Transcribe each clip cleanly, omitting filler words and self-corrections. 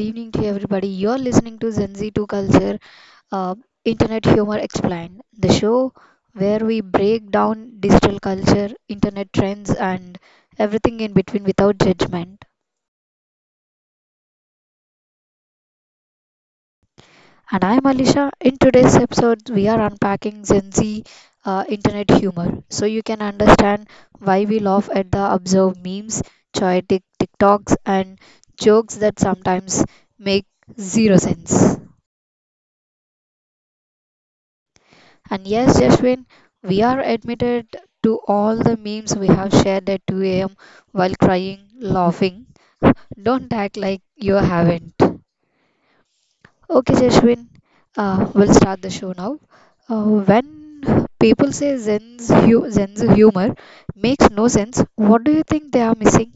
evening to everybody. You're listening to Gen Z2 Culture, uh, Internet Humor Explained, the show where we break down digital culture, internet trends, and everything in between without judgment. And I'm Alisha. In today's episode, we are unpacking Gen Z internet humor so you can understand why we laugh at the absurd memes, choitic TikToks, and jokes that sometimes make zero sense. And yes, Jashwin, we are admitted to all the memes we have shared at 2 a.m. while crying, laughing. Don't act like you haven't. Okay, Jashwin, we'll start the show now. When people say Zen's humor makes no sense, what do you think they are missing?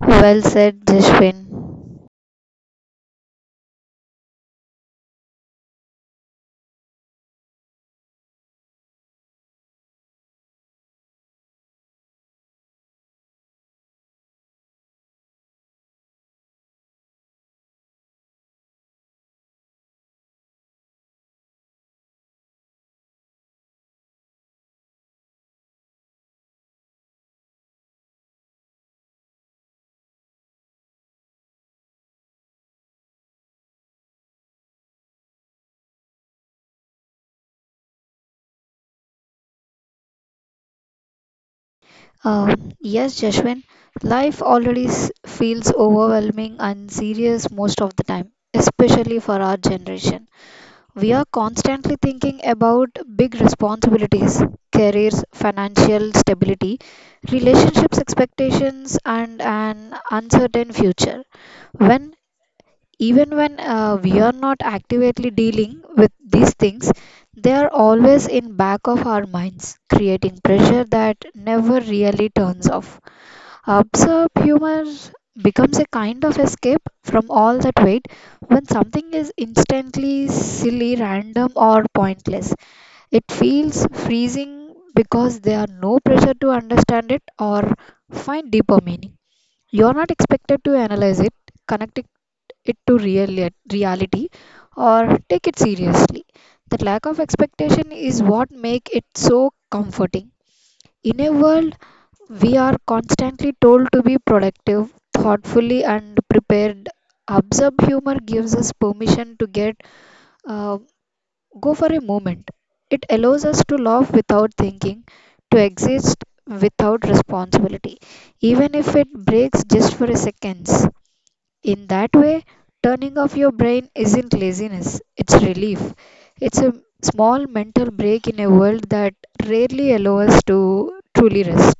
Well said, Jashwin. Uh, yes, Jashwin, life already feels overwhelming and serious most of the time, especially for our generation. We are constantly thinking about big responsibilities, careers, financial stability, relationships expectations, and an uncertain future. When even when we are not actively dealing with these things, they are always in back of our minds, creating pressure that never really turns off. Absurd humor becomes a kind of escape from all that weight when something is instantly silly, random, or pointless. It feels freezing because there are no pressure to understand it or find deeper meaning. You're not expected to analyze it, connect it, to real, reality, or take it seriously. That lack of expectation is what makes it so comforting. In a world we are constantly told to be productive, thoughtfully, and prepared. Absurd humor gives us permission to get uh, go for a moment. It allows us to laugh without thinking, to exist without responsibility, even if it breaks just for a second. In that way, turning off your brain isn't laziness, it's relief. It's a small mental break in a world that rarely allows us to truly rest.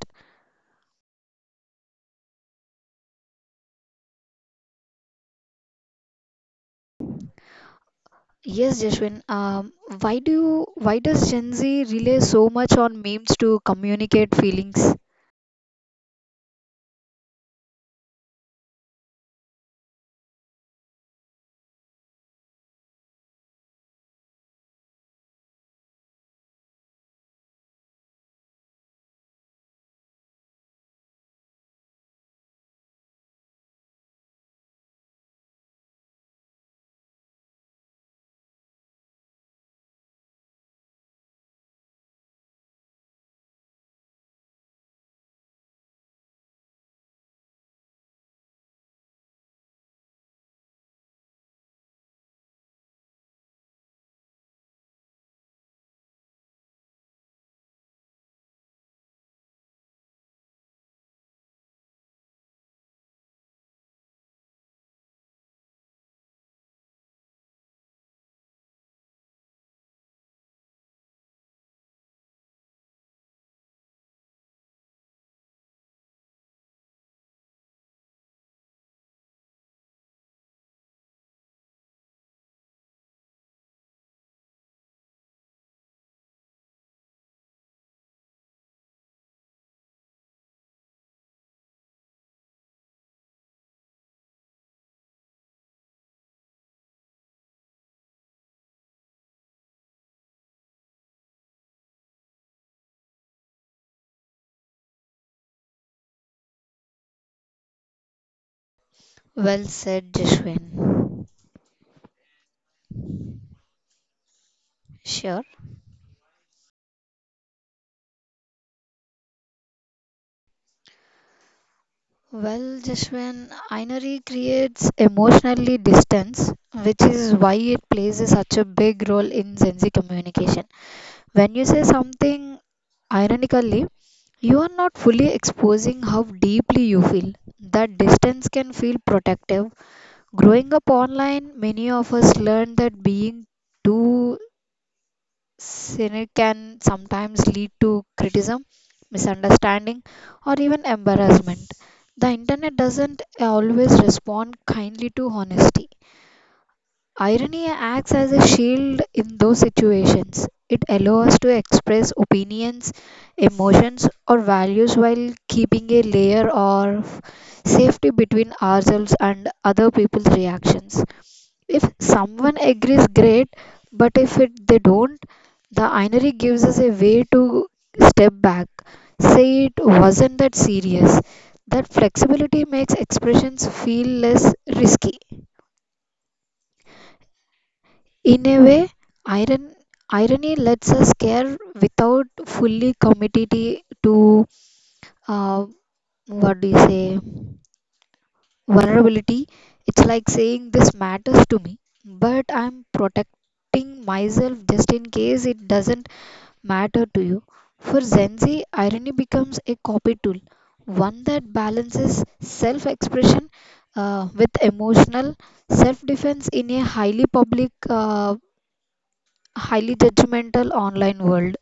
Yes, Jashwin. Why does Gen Z rely so much on memes to communicate feelings? Well said, Jashwin. Sure. Well, Jashwin, Einari creates emotionally distance, which is why it plays such a big role in Gen Z communication. When you say something ironically, you are not fully exposing how deeply you feel. That distance can feel protective. Growing up online, many of us learned that being too cynic can sometimes lead to criticism, misunderstanding, or even embarrassment. The internet doesn't always respond kindly to honesty. Irony acts as a shield in those situations. It allows us to express opinions, emotions, or values while keeping a layer of safety between ourselves and other people's reactions. If someone agrees, great, but if they don't, the irony gives us a way to step back, say it wasn't that serious. That flexibility makes expressions feel less risky. In a way, iron, irony lets us care without fully committed to uh, what do you say? vulnerability. It's like saying this matters to me, but I'm protecting myself just in case it doesn't matter to you. For Gen Z, irony becomes a copy tool, one that balances self expression with emotional self defense in a highly public, highly judgmental online world.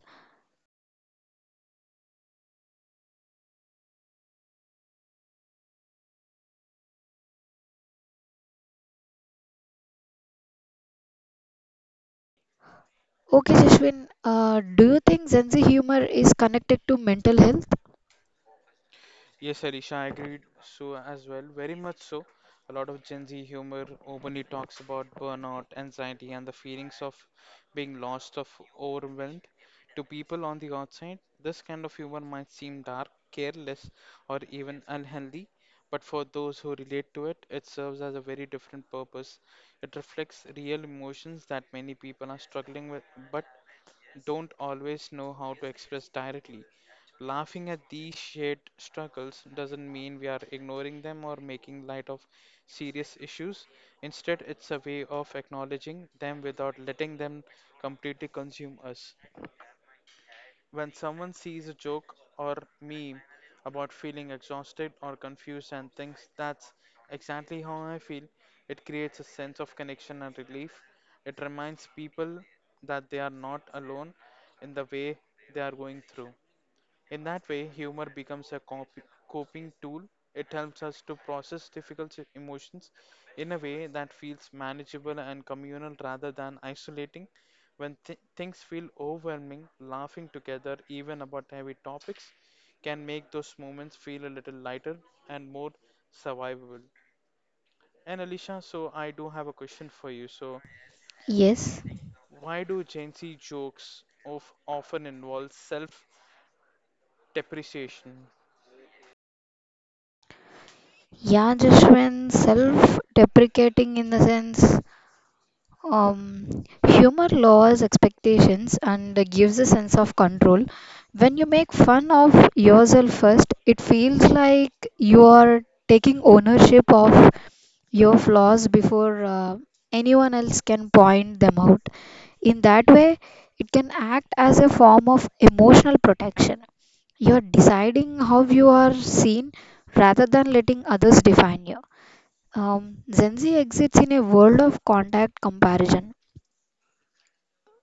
Okay, Shashwin, do you think Gen Z humor is connected to mental health? Yes, Alisha, I agreed so as well, very much so. A lot of Gen Z humor openly talks about burnout, anxiety, and the feelings of being lost, of overwhelmed. To people on the outside, this kind of humor might seem dark, careless, or even unhealthy, but for those who relate to it, it serves as a very different purpose. It reflects real emotions that many people are struggling with, but don't always know how to express directly. Laughing at these shared struggles doesn't mean we are ignoring them or making light of serious issues. Instead, it's a way of acknowledging them without letting them completely consume us. When someone sees a joke or meme about feeling exhausted or confused and thinks that's exactly how I feel, it creates a sense of connection and relief. It reminds people that they are not alone in the way they are going through. In that way, humor becomes a coping tool. It helps us to process emotions in a way that feels manageable and communal rather than isolating. When things feel overwhelming, laughing together, even about heavy topics, can make those moments feel a little lighter and more survivable. And Alicia, so I do have a question for you. So, Yes, why do Gen Z jokes of often involve self depreciation? yeah, Jashwin, self deprecating in the sense humor lowers expectations and gives a sense of control. When you make fun of yourself first, it feels like you are taking ownership of your flaws before anyone else can point them out. In that way, it can act as a form of emotional protection. You're deciding how you are seen rather than letting others define you. Gen Z exists in a world of contact comparison.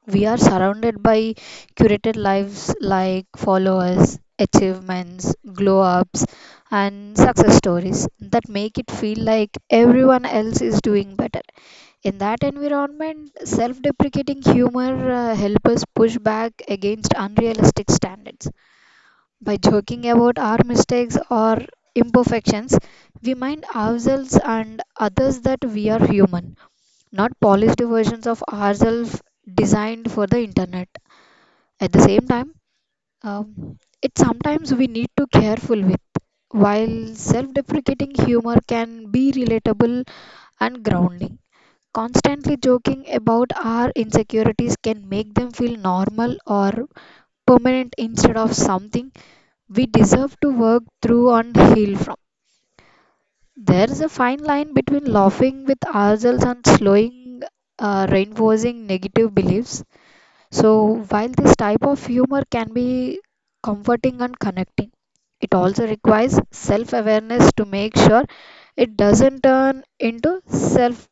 We are surrounded by curated lives like followers, achievements, glow ups, and success stories that make it feel like everyone else is doing better. In that environment, self deprecating humor helps us push back against unrealistic standards. By joking about our mistakes or imperfections, we remind ourselves and others that we are human not polished versions of ourselves designed for the internet. At the same time, it sometimes we need to careful with. While self-deprecating humor can be relatable and grounding, constantly joking about our insecurities can make them feel normal or permanent instead of something we deserve to work through and heal from. There is a fine line between laughing with ourselves and slowing reinforcing negative beliefs. So, while this type of humor can be comforting and connecting, it also requires self awareness to make sure it doesn't turn into self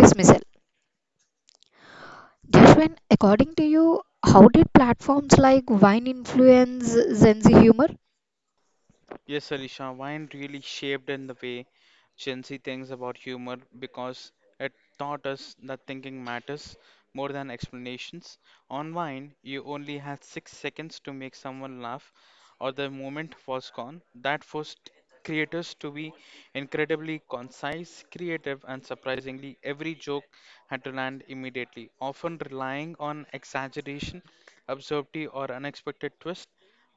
dismissal. Jashwin, according to you, how did platforms like Vine influence Gen Z humor? Yes, Alisha, wine really shaped in the way Gen Z thinks about humor because it taught us that thinking matters more than explanations. On wine, you only had 6 seconds to make someone laugh, or the moment was gone. That forced creators to be incredibly concise, creative, and surprisingly, every joke had to land immediately, often relying on exaggeration, absurdity, or unexpected twist.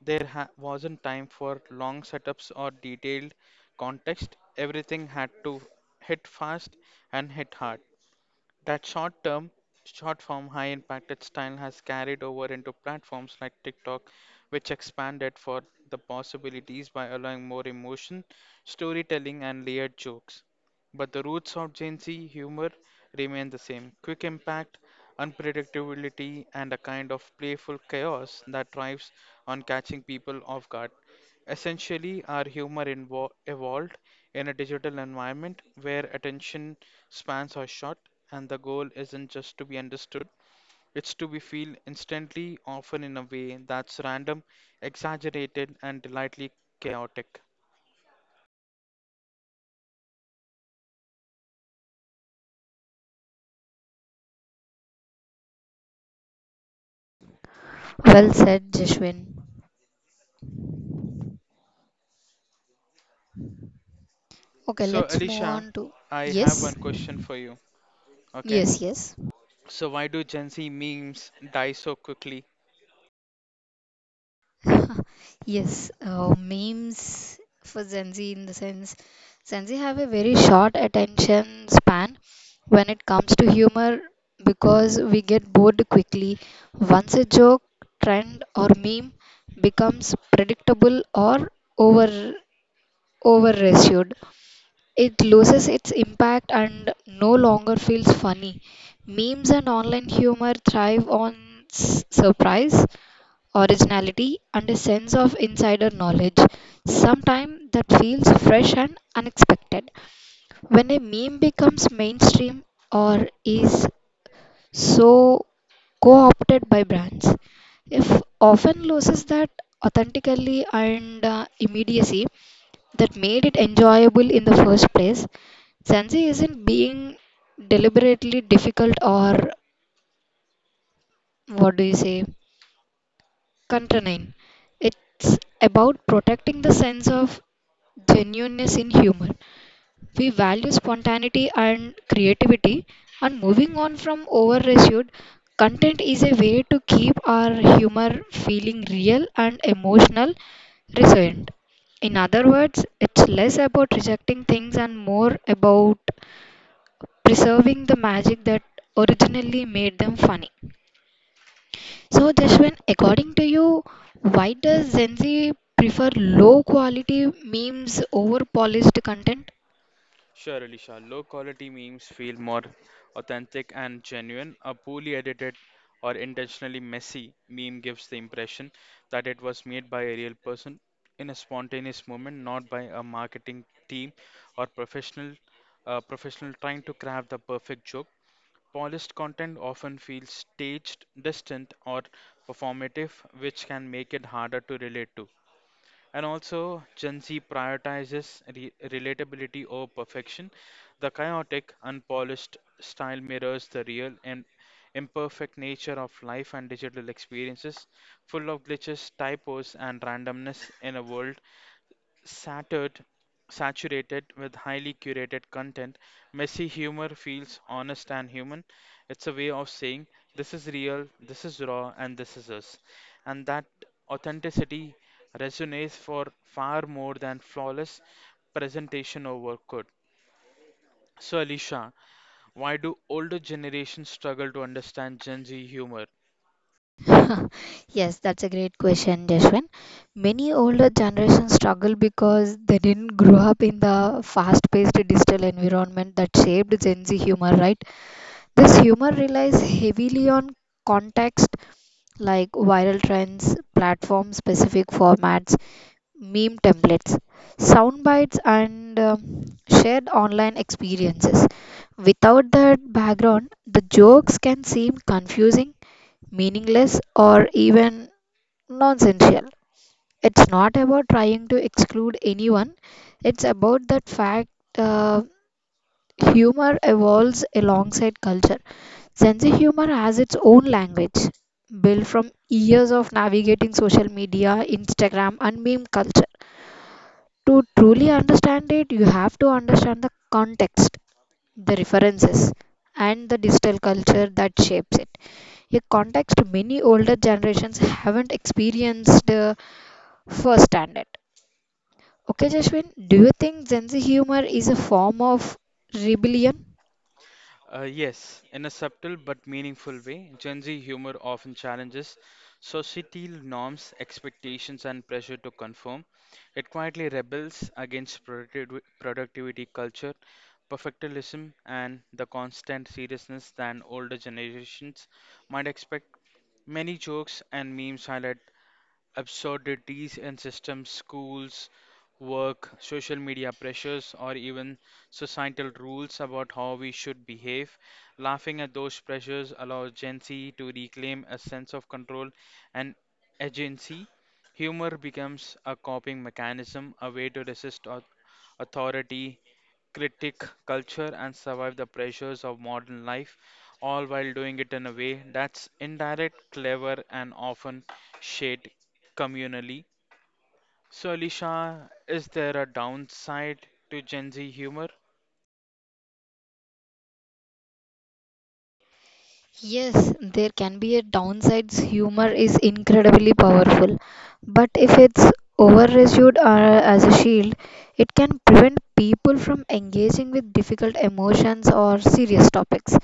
Wasn't time for long setups or detailed context. Everything had to hit fast and hit hard. That short form, high impacted style has carried over into platforms like TikTok, which expanded for the possibilities by allowing more emotion, storytelling, and layered jokes. But the roots of Gen Z humor remain the same quick impact, unpredictability, and a kind of playful chaos that thrives on catching people off guard. Essentially, our humor evolved in a digital environment where attention spans are short, and the goal isn't just to be understood, it's to be feel instantly, often in a way that's random, exaggerated, and delightfully chaotic. Well said, Jashwin. Okay, So, let's move Alicia, on to I have one yes, question for you. Okay. yes, yes. So, why do Gen Z memes die so quickly? Yes, memes for Gen Z in the sense Gen Z have a very short attention span when it comes to humor because we get bored quickly. Once a joke, trend, or meme becomes predictable or over overratioed, it loses its impact and no longer feels funny. Memes and online humor thrive on surprise originality, and a sense of insider knowledge, sometimes that feels fresh and unexpected. When a meme becomes mainstream or is so co opted by brands, if often loses that authentically and immediacy that made it enjoyable in the first place. Zanzi isn't being deliberately difficult or what do you say? Contained. It's about protecting the sense of genuineness in humor. We value spontaneity and creativity, and moving on from overissued content is a way to keep our humor feeling real and emotional resilient. In other words, it's less about rejecting things and more about preserving the magic that originally made them funny. So, Jashwin, according to you, why does Gen Z prefer low quality memes over polished content? Sure, Alisha. Low quality memes feel more authentic and genuine. A poorly edited or intentionally messy meme gives the impression that it was made by a real person in a spontaneous moment, not by a marketing team or professional trying to craft the perfect joke. Polished content often feels staged, distant, or performative, which can make it harder to relate to. And also, Gen Z prioritizes relatability over perfection. The chaotic, unpolished style mirrors the real and imperfect nature of life and digital experiences, full of glitches, typos, and randomness in a world Satured, saturated with highly curated content, messy humor feels honest and human. It's a way of saying this is real, this is raw, and this is us. And that authenticity resonates for far more than flawless presentation or work could. So, Alicia, why do older generations struggle to understand Gen Z humor? Yes, that's a great question, Jeshwin. Many older generations struggle because they didn't grow up in the fast paced digital environment that shaped Gen Z humor, right? This humor relies heavily on context like viral trends, platform specific formats, meme templates, sound bites, and shared online experiences. Without that background, the jokes can seem confusing, meaningless, or even nonsensical. It's not about trying to exclude anyone, it's about that fact. Uh, Humor evolves alongside culture. Sense of humor has its own language, built from years of navigating social media, Instagram, and meme culture to truly understand it, you have to understand the context, the references, and the digital culture that shapes it. A context many older generations haven't experienced firsthand. It. Okay, Jashwin, do you think Gen Z humor is a form of rebellion? Yes, in a subtle but meaningful way, Gen Z humor often challenges societal norms, expectations, and pressure to conform. It quietly rebels against productivity culture, perfectionism, and the constant seriousness that older generations might expect. Many jokes and memes highlight absurdities in systems, schools, work, social media pressures, or even societal rules about how we should behave. Laughing at those pressures allows Gen Z to reclaim a sense of control and agency. Humor becomes a coping mechanism, a way to resist authority critique culture, and survive the pressures of modern life, all while doing it in a way that's indirect, clever, and often shared communally. So, Alisha, is there a downside to Gen Z humor? Yes, there can be a downsides. Humor is incredibly powerful, but if it's overused as a shield, it can prevent people from engaging with difficult emotions or serious topics.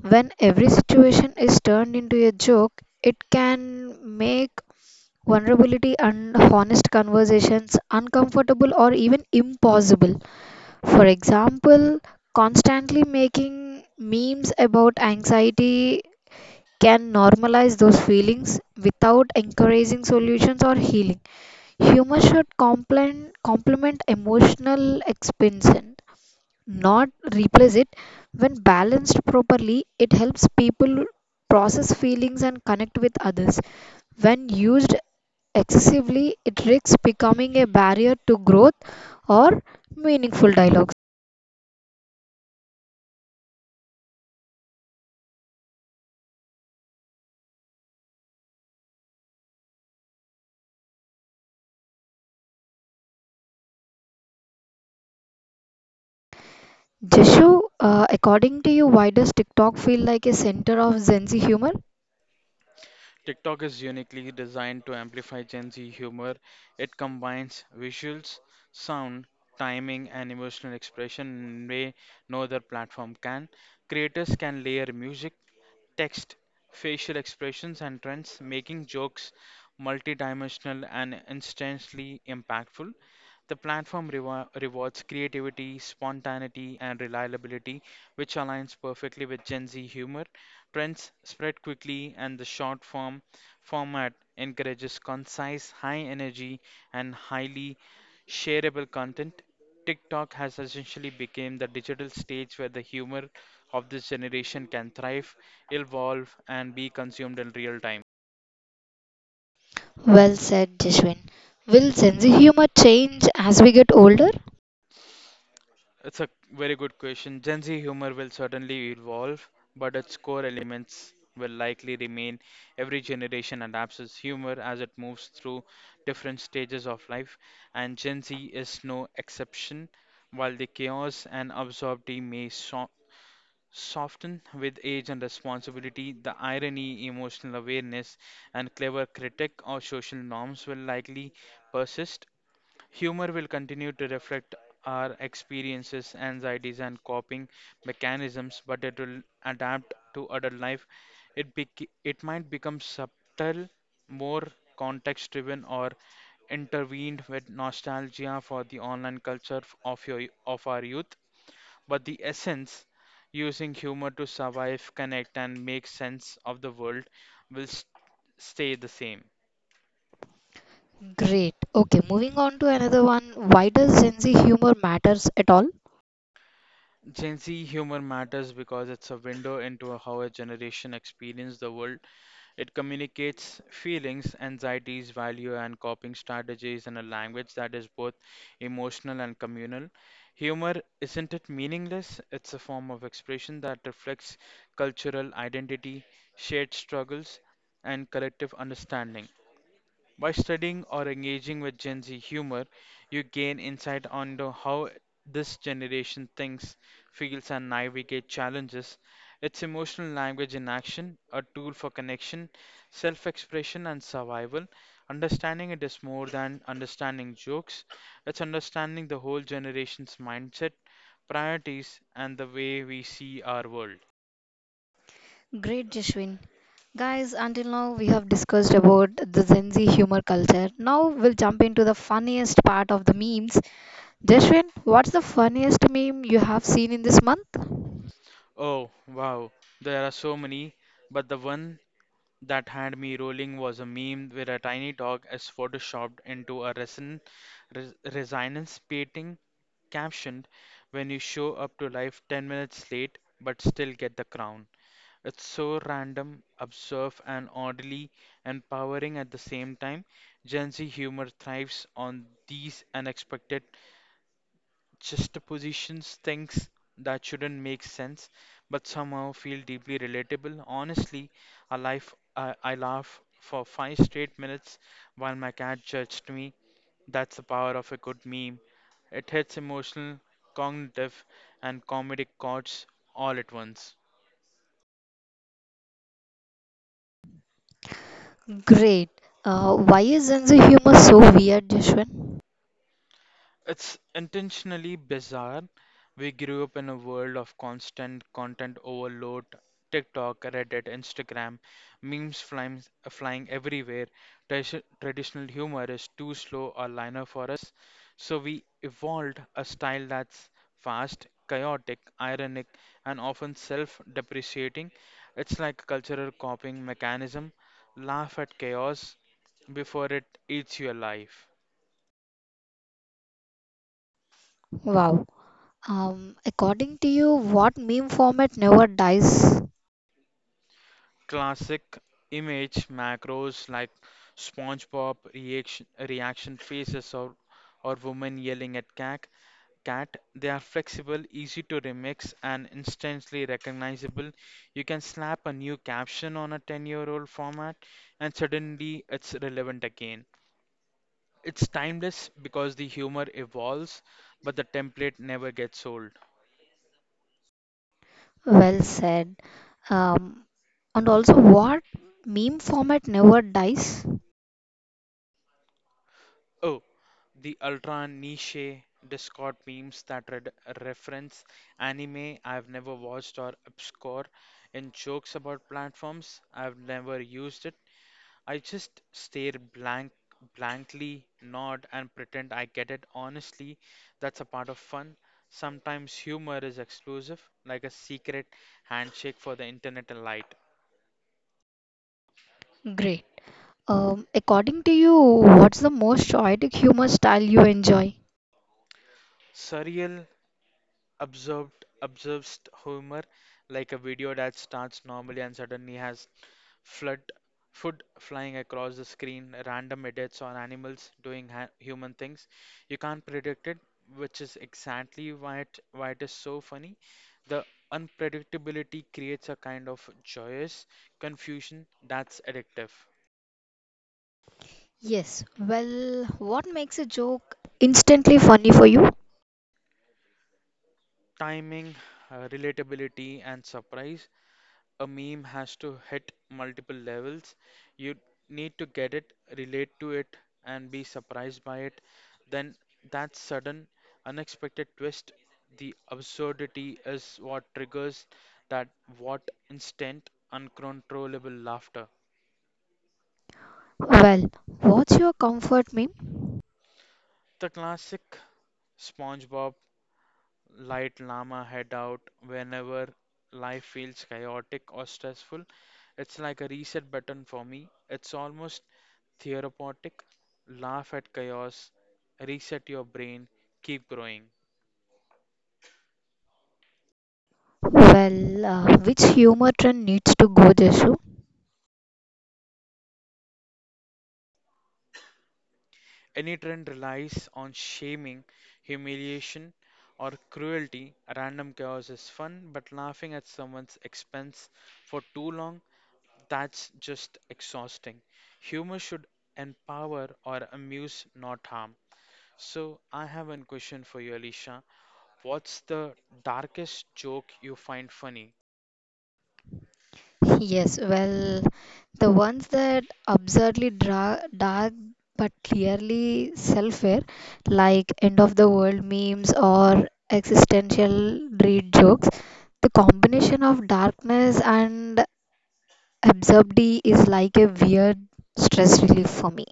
When every situation is turned into a joke, it can make vulnerability and honest conversations uncomfortable or even impossible. For example, constantly making memes about anxiety can normalize those feelings without encouraging solutions or healing. Humor should complement, complement emotional expansion, not replace it. When balanced properly, it helps people process feelings and connect with others. When used excessively, it risks becoming a barrier to growth or meaningful dialogues. Jeshu, according to you, why does TikTok feel like a center of Gen Z humor? TikTok is uniquely designed to amplify Gen Z humor. It combines visuals, sound, timing, and emotional expression in a way no other platform can. Creators can layer music text, facial expressions, and trends, making jokes multidimensional and instantly impactful. The platform rewards creativity, spontaneity, and reliability, which aligns perfectly with Gen Z humor. Trends spread quickly, and the short form format encourages concise, high energy, and highly shareable content. TikTok has essentially become the digital stage where the humor of this generation can thrive, evolve, and be consumed in real time. Well said, Jeshwin. Will sense of humor change as we get older? It's a very good question. Gen Z humor will certainly evolve, but its core elements will likely remain. Every generation adapts its humor as it moves through different stages of life, and Gen Z is no exception. While the chaos and absurdity may soften with age and responsibility, the irony, emotional awareness, and clever critique of social norms will likely persist. Humor will continue to reflect our experiences, anxieties, and coping mechanisms, but it will adapt to adult life. It might become subtle, more context driven, or intervened with nostalgia for the online culture of, of our youth but the essence using humor to survive, connect, and make sense of the world will s stay the same. Great. Okay, moving on to another one. Why does sense of humor matters at all? Gen Z humor matters because it's a window into how a generation experiences the world. It communicates feelings, anxieties, value, and coping strategies in a language that is both emotional and communal. Humor isn't it meaningless? It's a form of expression that reflects cultural identity, shared struggles, and collective understanding. By studying or engaging with Gen Z humor, you gain insight onto how this generation thinks, feels, and navigates challenges. It's emotional language in action, a tool for connection, self expression, and survival. Understanding it is more than understanding jokes, it's understanding the whole generation's mindset, priorities, and the way we see our world. Great, Jeshwin. Guys, until now we have discussed about the Gen Z humor culture. Now we'll jump into the funniest part of the memes. Jeshwin, what's the funniest meme you have seen in this month? Oh, wow, there are so many, but the one that had me rolling was a meme where a tiny dog is photoshopped into a resonance painting captioned when you show up to life 10 minutes late but still get the crown. It's so random, absurd, and oddly empowering at the same time. Gen Z humor thrives on these unexpected juxtapositions things that shouldn't make sense but somehow feel deeply relatable. Honestly, a life I laugh for 5 straight minutes while my cat judged me. That's the power of a good meme. It hits emotional, cognitive, and comedic chords all at once. Great. Why is Gen Z humor so weird, Jeshwin? It's intentionally bizarre. We grew up in a world of constant content overload, TikTok, Reddit, Instagram, memes flying everywhere. Traditional humor is too slow or linear for us, so we evolved a style that's fast, chaotic, ironic, and often self-depreciating. It's like a cultural coping mechanism. Laugh at chaos before it eats you alive. Wow. According to you, what meme format never dies? Classic image macros like SpongeBob reaction faces or women yelling at cat. Cat, they are flexible, easy to remix, and instantly recognizable. You can slap a new caption on a 10-year-old format, and suddenly it's relevant again. It's timeless because the humor evolves, but the template never gets old. Well said. Um, and also, what meme format never dies? Oh, the ultra niche Discord memes that read reference anime I've never watched or obscure and jokes about platforms I've never used it. I just stare blankly, nod and pretend I get it. Honestly, that's a part of fun. Sometimes humor is exclusive, like a secret handshake for the internet elite. Great. According to you, what's the most poetic humor style you enjoy? Surreal observed observes humor like a video that starts normally and suddenly has flood food flying across the screen, random edits on animals doing ha human things. You can't predict it, which is exactly why it is so funny. The unpredictability creates a kind of joyous confusion that's addictive. Yes. Well, what makes a joke instantly funny for you? Timing, relatability, and surprise. A meme has to hit multiple levels. You need to get it, relate to it, and be surprised by it. Then that sudden, unexpected twist, the absurdity is what triggers that what instant, uncontrollable laughter. Well, what's your comfort meme? The classic SpongeBob Light Llama head out whenever life feels chaotic or stressful. It's like a reset button for me. It's almost therapeutic. Laugh at chaos, reset your brain, keep growing. Well, which humor trend needs to go, Jesu? Any trend relies on shaming, humiliation, or cruelty. Random chaos is fun, but laughing at someone's expense for too long, that's just exhausting. Humor should empower or amuse, not harm. So, I have one question for you, Alicia. What's the darkest joke you find funny? Yes, well, the ones that absurdly dark but clearly self-aware, like end of the world memes or existential dread jokes, the combination of darkness and absurdity is like a weird stress relief for me.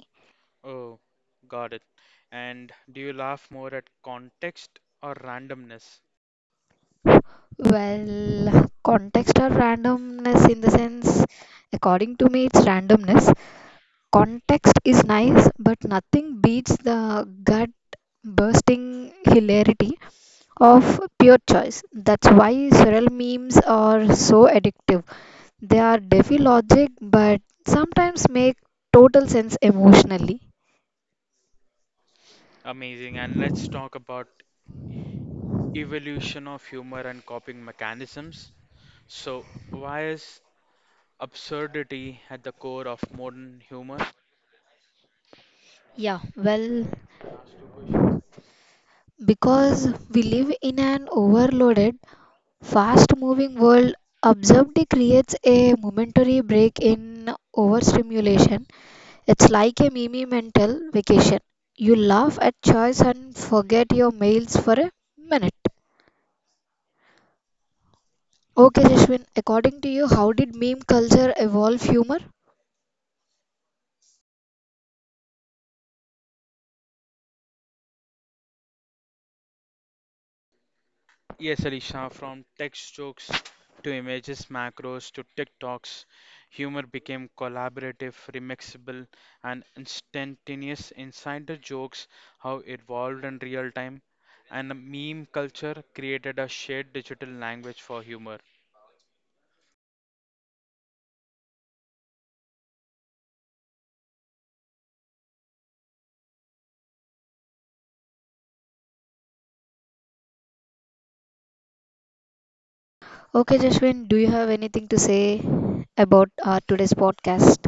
Oh, got it. And do you laugh more at context or randomness? Well, context or randomness in the sense, according to me, it's randomness. Context is nice, but nothing beats the gut bursting hilarity of pure choice. That's why Surreal memes are so addictive. They are defi logic, but sometimes make total sense emotionally. Amazing. And let's talk about evolution of humor and coping mechanisms. So, why is absurdity at the core of modern humor? Yeah, well, because we live in an overloaded, fast moving world, absurdity creates a momentary break in overstimulation. It's like a mini mental vacation. You laugh at choice and forget your mails for a minute. Okay, Jashwin, according to you, how did meme culture evolve humor? Yes, Alisha, from text jokes to images, macros to TikToks, humor became collaborative, remixable, and instantaneous. Insider jokes, how it evolved in real time, and the meme culture created a shared digital language for humor. Okay, Jashwin, do you have anything to say about today's podcast?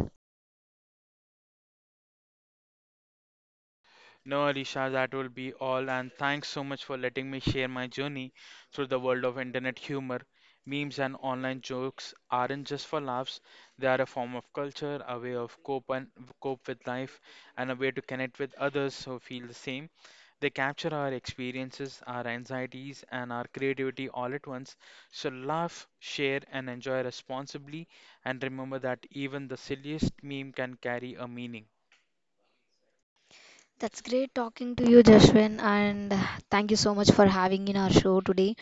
No, Alisha, that will be all. And thanks so much for letting me share my journey through the world of internet humor. Memes and online jokes aren't just for laughs, they are a form of culture, a way of cope with life, and a way to connect with others who feel the same. They capture our experiences, our anxieties, and our creativity all at once. So laugh, share, and enjoy responsibly. And remember that even the silliest meme can carry a meaning. That's great talking to you, Jashwin, and thank you so much for having in our show today.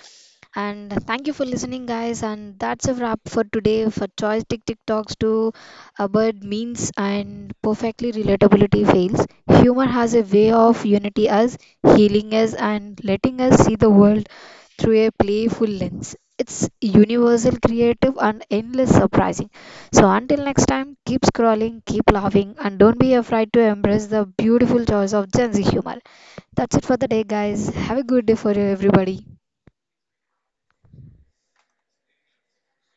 And thank you for listening, guys. And that's a wrap for today for Choice Tick Tick Talks to absurd means and perfectly relatability fails. Humor has a way of unity us, healing us, and letting us see the world through a playful lens. It's universal, creative, and endless surprising. So until next time, keep scrolling, keep laughing, and don't be afraid to embrace the beautiful choice of Gen Z humor. That's it for the day, guys. Have a good day for everybody.